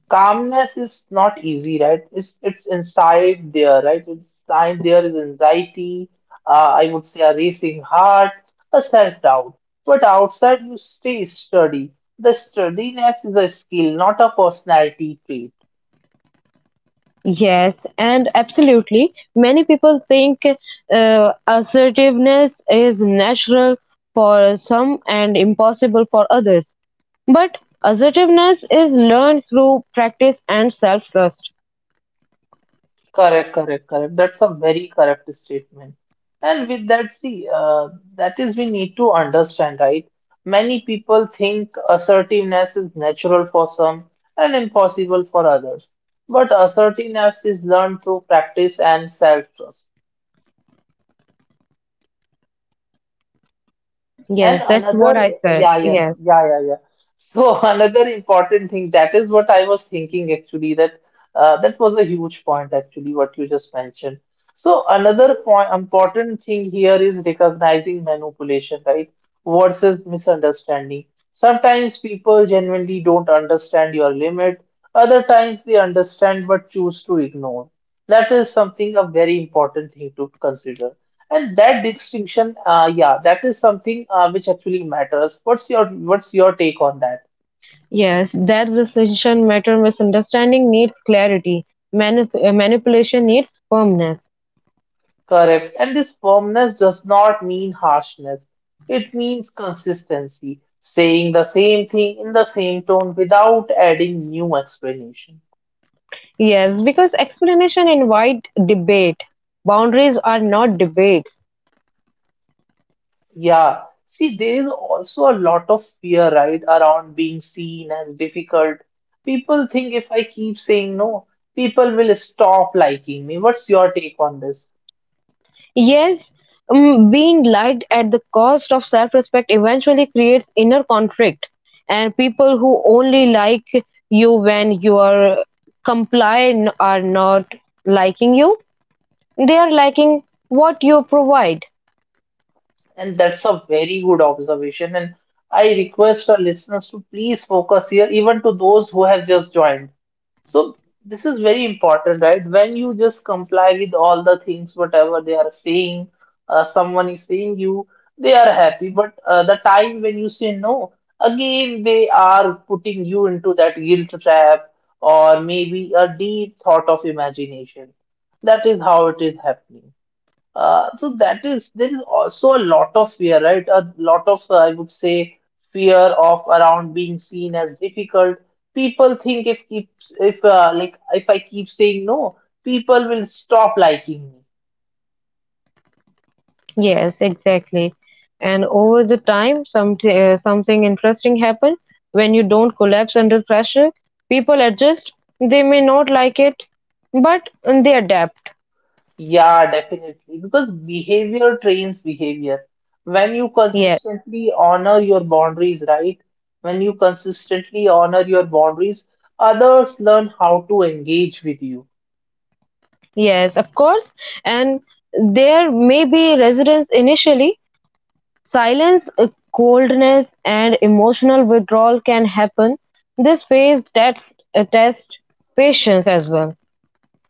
A: Calmness is not easy, right? It's inside there, right? Inside there is anxiety, I would say a racing heart, a self-doubt. But outside you stay sturdy. The sturdiness is a skill, not a personality trait.
B: Yes, and absolutely. Many people think assertiveness is natural for some and impossible for others. But assertiveness is learned through practice and self-trust.
A: Correct, correct, correct. That's a very correct statement. And with that, see, that is we need to understand, right? Many people think assertiveness is natural for some and impossible for others. But assertiveness is learned through practice and self-trust. And
B: Yes, that's what
A: another,
B: I said.
A: yeah, yeah,
B: Yes,
A: yeah, yeah, yeah. So [LAUGHS] another important thing, that is what I was thinking actually, that that was a huge point actually, what you just mentioned. So another point, important thing here is recognizing manipulation, right? Versus misunderstanding. Sometimes people genuinely don't understand your limit. Other times they understand but choose to ignore. That is something a very important thing to consider. And that distinction, yeah, that is something which actually matters. What's your take on that?
B: yes, that distinction matter. Misunderstanding needs clarity. Manipulation needs firmness.
A: Correct. And this firmness does not mean harshness. It means consistency, saying the same thing in the same tone without adding new explanation.
B: Yes, because explanation invite debate. Boundaries are not debates.
A: Yeah. See, there is also a lot of fear, right, around being seen as difficult. People think if I keep saying no, people will stop liking me. What's your take on this?
B: Yes, mm, being liked at the cost of self respect eventually creates inner conflict, and people who only like you when you are compliant are not liking you, they are liking what you provide.
A: And that's a very good observation. And I request our listeners to please focus here, even to those who have just joined. So, this is very important, right? When you just comply with all the things, whatever they are saying, someone is saying you, they are happy. But the time when you say no, again, they are putting you into that guilt trap or maybe a deep thought of imagination. That is how it is happening. So that is there is also a lot of fear, right? A lot of I would say fear of around being seen as difficult. People think if I keep saying no, people will stop liking me.
B: Yes, exactly. And over the time, something interesting happen when you don't collapse under pressure. People adjust. They may not like it, but they adapt.
A: Yeah, definitely, because behavior trains behavior. When you
B: Yes.
A: consistently honor your boundaries, right? When you consistently honor your boundaries, others learn how to engage with you.
B: Yes, of course. And there may be residents initially. Silence, coldness, and emotional withdrawal can happen. This phase test patience as well.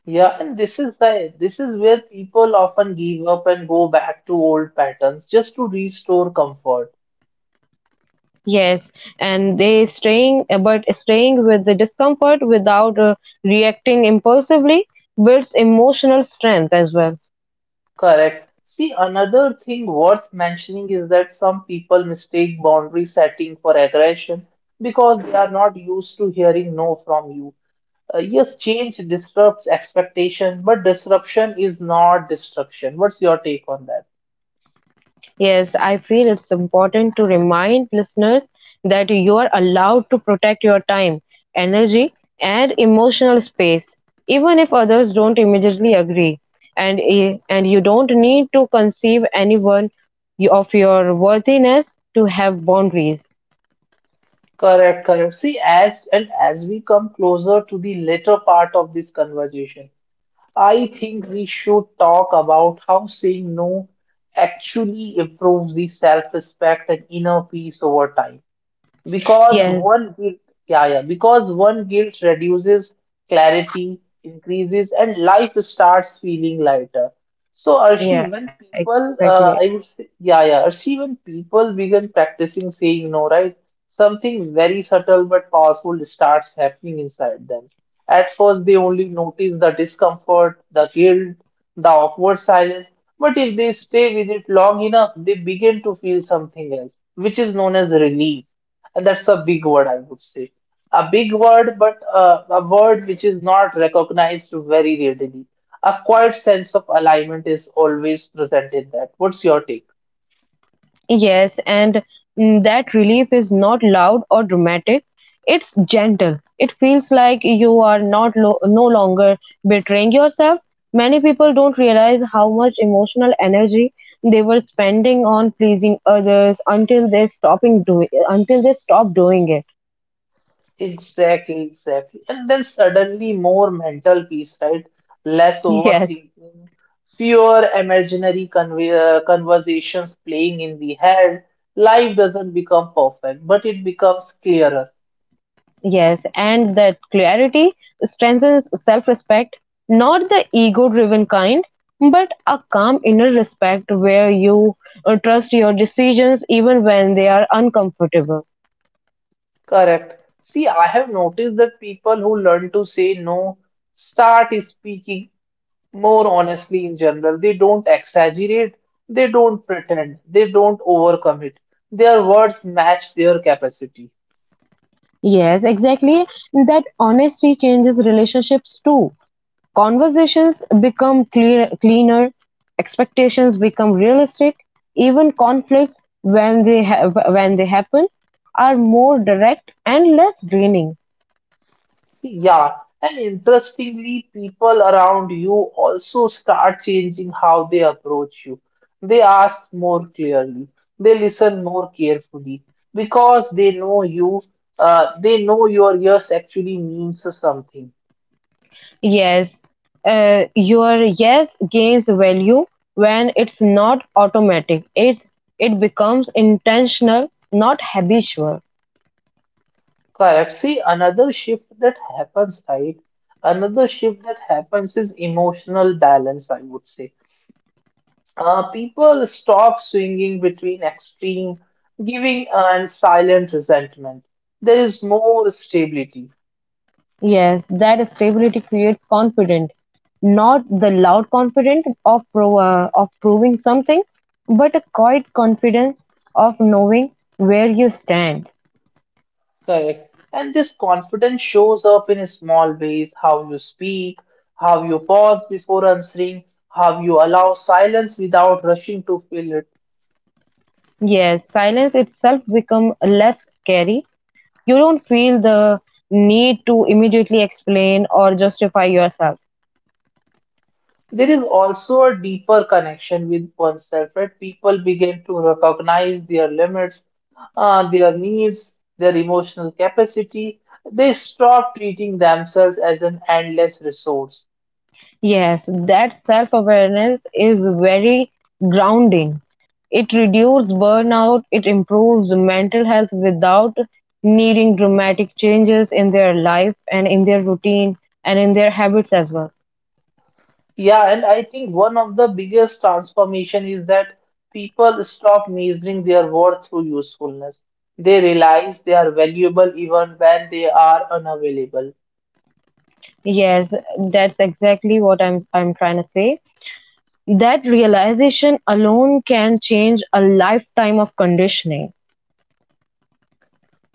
A: Yeah, and this is where people often give up and go back to old patterns just to restore comfort.
B: Yes, and they staying, but staying with the discomfort without reacting impulsively builds emotional strength as well.
A: Correct. See, another thing worth mentioning is that some people mistake boundary setting for aggression because they are not used to hearing no from you. Yes, change disrupts expectation, but disruption is not destruction. What's your take on that?
B: Yes, I feel it's important to remind listeners that you are allowed to protect your time, energy, and emotional space, even if others don't immediately agree. And, and you don't need to conceive anyone of your worthiness to have boundaries.
A: Correct, correct. See, as and as we come closer to the later part of this conversation, I think we should talk about how saying no actually improves the self-respect and inner peace over time. Because
B: Yes,
A: one guilt, yeah, yeah, because one guilt reduces clarity, increases, and life starts feeling lighter. So,
B: yeah,
A: Arshi, when
B: exactly.
A: people, I would say, yeah, yeah, Arshi, when people begin practicing saying no, right, something very subtle but powerful starts happening inside them. At first, they only notice the discomfort, the guilt, the awkward silence, but if they stay with it long enough, they begin to feel something else, which is known as relief. And that's a big word, I would say. A big word, but a word which is not recognized very readily. A quiet sense of alignment is always present in that. What's your take?
B: Yes, and mm, that relief is not loud or dramatic. It's gentle. It feels like you are not lo- no longer betraying yourself. Many people don't realize how much emotional energy they were spending on pleasing others until they stop doing it.
A: Exactly, exactly. And then suddenly more mental peace, right? Less
B: [LAUGHS] Yes.
A: overthinking, fewer imaginary conversations playing in the head. Life doesn't become perfect, but it becomes clearer.
B: Yes, and that clarity strengthens self respect, not the ego driven kind, but a calm inner respect where you trust your decisions even when they are uncomfortable.
A: Correct. See, I have noticed that people who learn to say no start speaking more honestly in general. They don't exaggerate, they don't pretend, they don't overcommit. Their words match their capacity.
B: Yes, exactly. That honesty changes relationships too. Conversations become cleaner, expectations become realistic, even conflicts when when they happen are more direct and less draining.
A: Yeah, and interestingly, people around you also start changing how they approach you. They ask more clearly, they listen more carefully because they know you, they know your yes actually means something.
B: Yes, your yes gains value when it's not automatic. It becomes intentional, not habitual.
A: Correct. See, another shift that happens, right? Another shift that happens is emotional balance, I would say. People stop swinging between extreme giving and silent resentment. There is more stability.
B: Yes, that stability creates confidence, not the loud confidence of proving something, but a quiet confidence of knowing where you stand.
A: Correct. And this confidence shows up in small ways: how you speak, how you pause before answering, how you allow silence without rushing to fill it.
B: Yes, silence itself become less scary. You don't feel the need to immediately explain or justify yourself.
A: There is also a deeper connection with oneself, right? People begin to recognize their limits, their needs, their emotional capacity. They stop treating themselves as an endless resource.
B: Yes, that self awareness is very grounding. It reduces burnout, it improves mental health without needing dramatic changes in their life and in their routine and in their habits as well.
A: Yeah, and I think one of the biggest transformation is that people stop measuring their worth through usefulness. They realize they are valuable even when they are unavailable.
B: Yes, that's exactly what I'm trying to say. That realization alone can change a lifetime of conditioning.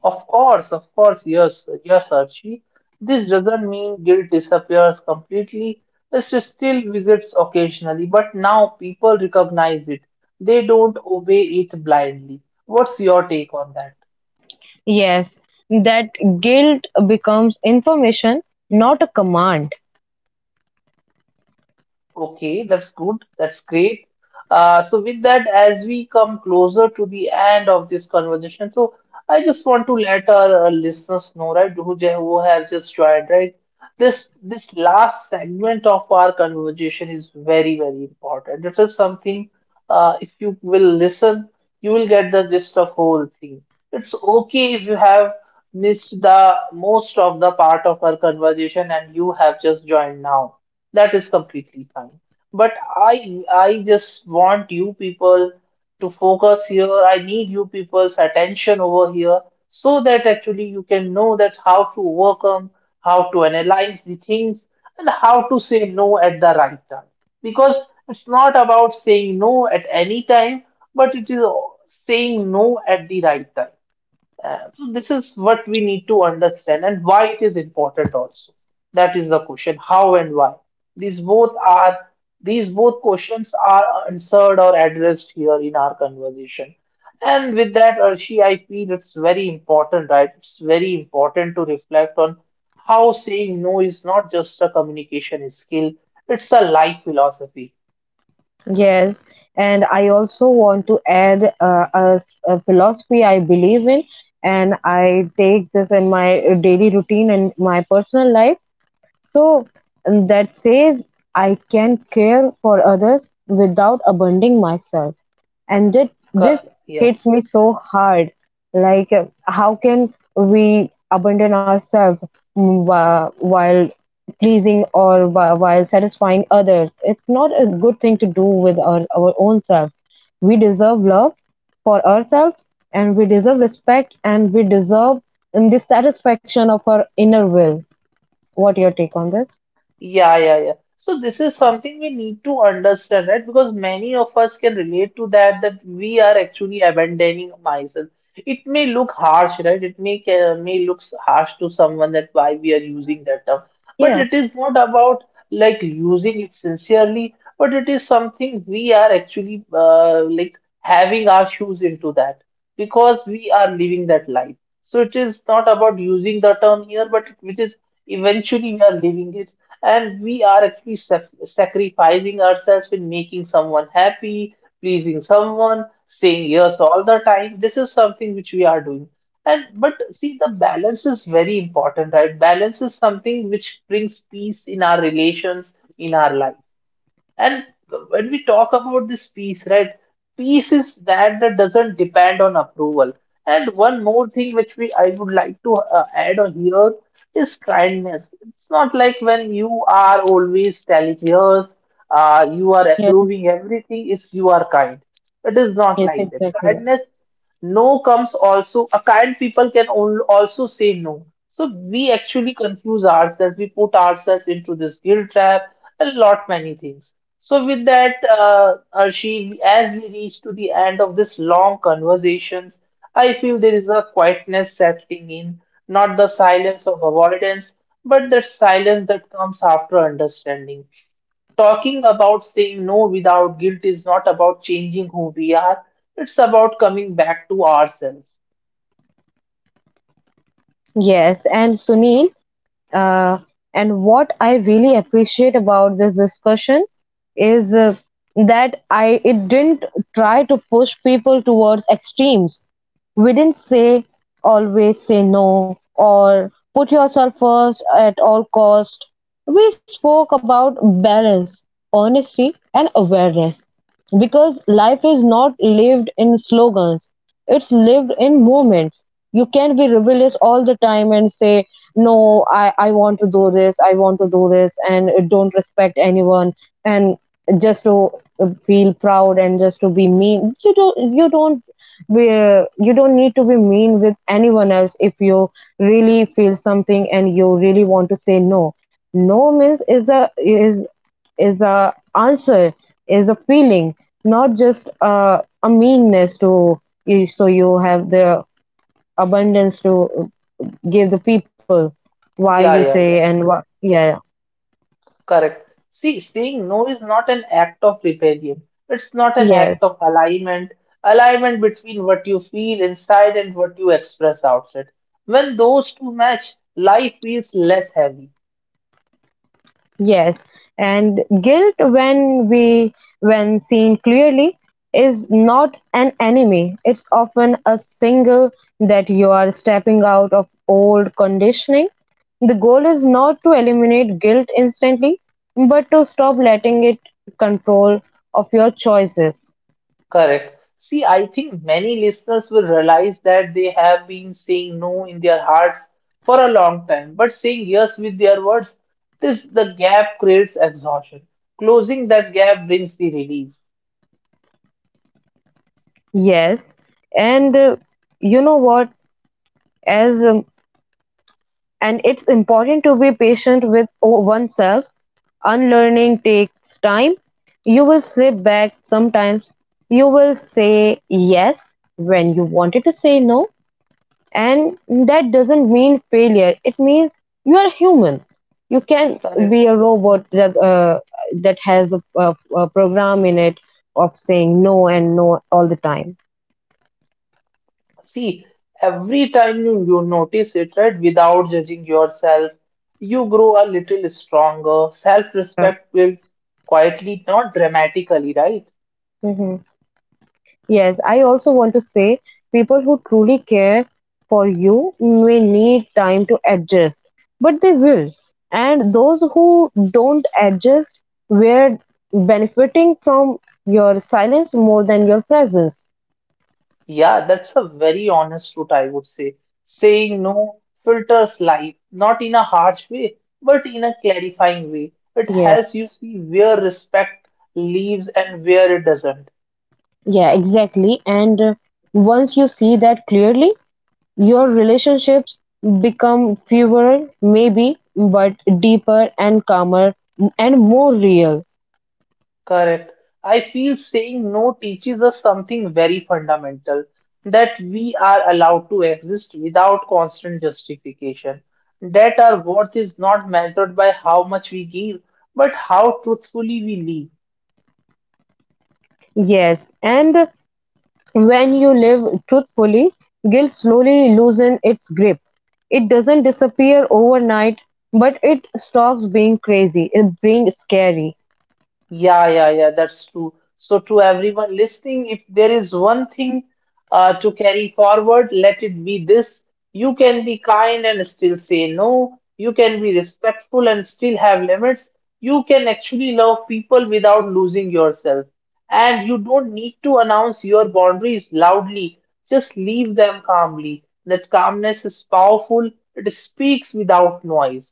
A: Of course, yes, yes, Archie. This doesn't mean guilt disappears completely. It still visits occasionally, but now people recognize it. They don't obey it blindly. What's your take on that?
B: Yes, that guilt becomes information, not a command.
A: Okay, that's good. That's great. So with that, as we come closer to the end of this conversation, so I just want to let our listeners know, right, who have just joined, right? This last segment of our conversation is very, very important. It is something, if you will listen, you will get the gist of whole thing. It's okay if you have missed the most of the part of our conversation and you have just joined now. That is completely fine. But I just want you people to focus here. I need you people's attention over here so that actually you can know that how to overcome, how to analyze the things, and how to say no at the right time. Because it's not about saying no at any time, but it is saying no at the right time. So this is what we need to understand and why it is important also. That is the question, how and why. These both are these both questions are answered or addressed here in our conversation. And with that, Arshi, I feel it's very important, right? It's very important to reflect on how saying no is not just a communication skill, it's a life philosophy.
B: Yes, and I also want to add a philosophy I believe in, and I take this in my daily routine and my personal life. So and that says I can care for others without abandoning myself, and that
A: Co-
B: this hits me so hard, like how can we abandon ourselves, mm, while pleasing or while satisfying others. It's not a good thing to do with our own self. We deserve love for ourselves, and we deserve respect, and we deserve in this satisfaction of our inner will. What your take on this?
A: Yeah, yeah, yeah. So this is something we need to understand, right? Because many of us can relate to that, that we are actually abandoning myself. It may look harsh, right? It may may looks harsh to someone that why we are using that term. But
B: Yeah,
A: it is not about like using it sincerely, but it is something we are actually like having our shoes into that because we are living that life. So it is not about using the term here, but it, which is eventually we are living it and we are actually sacrificing ourselves in making someone happy, pleasing someone, saying yes all the time. This is something which we are doing. And but see, the balance is very important, right? Balance is something which brings peace in our relations, in our life. And when we talk about this peace, right? Peace is that that doesn't depend on approval. And one more thing which we I would like to add on here is kindness. It's not like when you are always telling us, you are
B: yes,
A: approving everything. Is you are kind. It is not
B: yes,
A: like that.
B: exactly.
A: Kindness, no, comes also. A kind people can also say no. So we actually confuse ourselves, we put ourselves into this guilt trap and lot many things. So with that, Arshi, as we reach to the end of this long conversations, I feel there is a quietness settling in, not the silence of avoidance, but the silence that comes after understanding. Talking about saying no without guilt is not about changing who we are, it's about coming back to ourselves.
B: Yes, and Sunil, Uh, and what I really appreciate about this discussion is that I it didn't try to push people towards extremes. We didn't say always say no or put yourself first at all cost. We spoke about balance, honesty, and awareness, because life is not lived in slogans, it's lived in moments. You can not be rebellious all the time and say, "No, I want to do this, I want to do this, and don't respect anyone," and just to feel proud and just to be mean. Be you don't need to be mean with anyone else. If you really feel something and you really want to say no, no means is a is is a answer, is a feeling, not just a meanness to you. So you have the abundance to give the people why you
A: Yeah,
B: say
A: yeah, yeah.
B: and what. Yeah.
A: Correct. See, saying no is not an act of rebellion. It's not an act
B: Yes.
A: of alignment. Alignment between what you feel inside and what you express outside. When those two match, life feels less heavy.
B: Yes. And guilt, when seen clearly, is not an enemy. It's often a signal that you are stepping out of old conditioning. The goal is not to eliminate guilt instantly, but to stop letting it control of your choices.
A: Correct. See, I think many listeners will realize that they have been saying no in their hearts for a long time, but saying yes with their words, this the gap creates exhaustion. Closing that gap brings the release.
B: Yes, and you know what? As and it's important to be patient with oneself. Unlearning takes time. You will slip back sometimes. You will say yes when you wanted to say no, and that doesn't mean failure, it means you are human. You can be
A: Correct.
B: a robot that has a program in it of saying no and no all the time.
A: See, every time you notice it, right, without judging yourself, you grow a little stronger.
B: Yeah.
A: Self-respect builds quietly, not dramatically, right?
B: Hmm. Yes, I also want to say people who truly care for you may need time to adjust, but they will, and those who don't adjust were benefiting from your silence more than your presence.
A: Yeah, that's a very honest route, I would say. Saying no filters life, not in a harsh way, but in a clarifying way. It
B: Yeah.
A: helps you see where respect leaves and where it doesn't.
B: Yeah, exactly. And once you see that clearly, your relationships become fewer, maybe, but deeper and calmer and more real.
A: Correct. I feel saying no teaches us something very fundamental, that we are allowed to exist without constant justification, that our worth is not measured by how much we give, but how truthfully we live.
B: Yes, and when you live truthfully, guilt slowly loosens its grip. It doesn't disappear overnight, but it stops being crazy, it being scary.
A: Yeah, yeah, yeah, that's true. So, to everyone listening, if there is one thing to carry forward, let it be this. You can be kind and still say no. You can be respectful and still have limits. You can actually love people without losing yourself. And you don't need to announce your boundaries loudly, just leave them calmly. That calmness is powerful, it speaks without noise.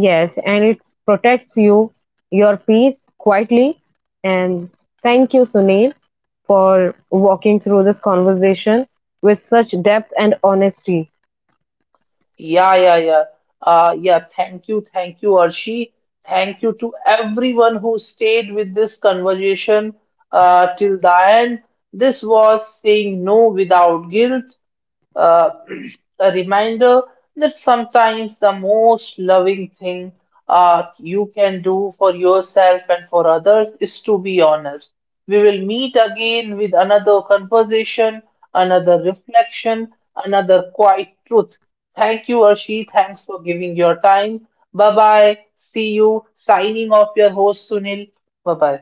B: Yes, and it protects you, your peace quietly. And thank you, Sunil, for walking through this conversation with such depth and honesty.
A: Yeah, yeah, yeah. Yeah, thank you, Arshi. Thank you to everyone who stayed with this conversation till the end. This was saying no without guilt, uh, [CLEARS THROAT] a reminder that sometimes the most loving thing you can do for yourself and for others is to be honest. We will meet again with another conversation, another reflection, another quiet truth. Thank you, Arshi. Thanks for giving your time. Bye bye. See you. Signing off your host, Sunil. Bye bye.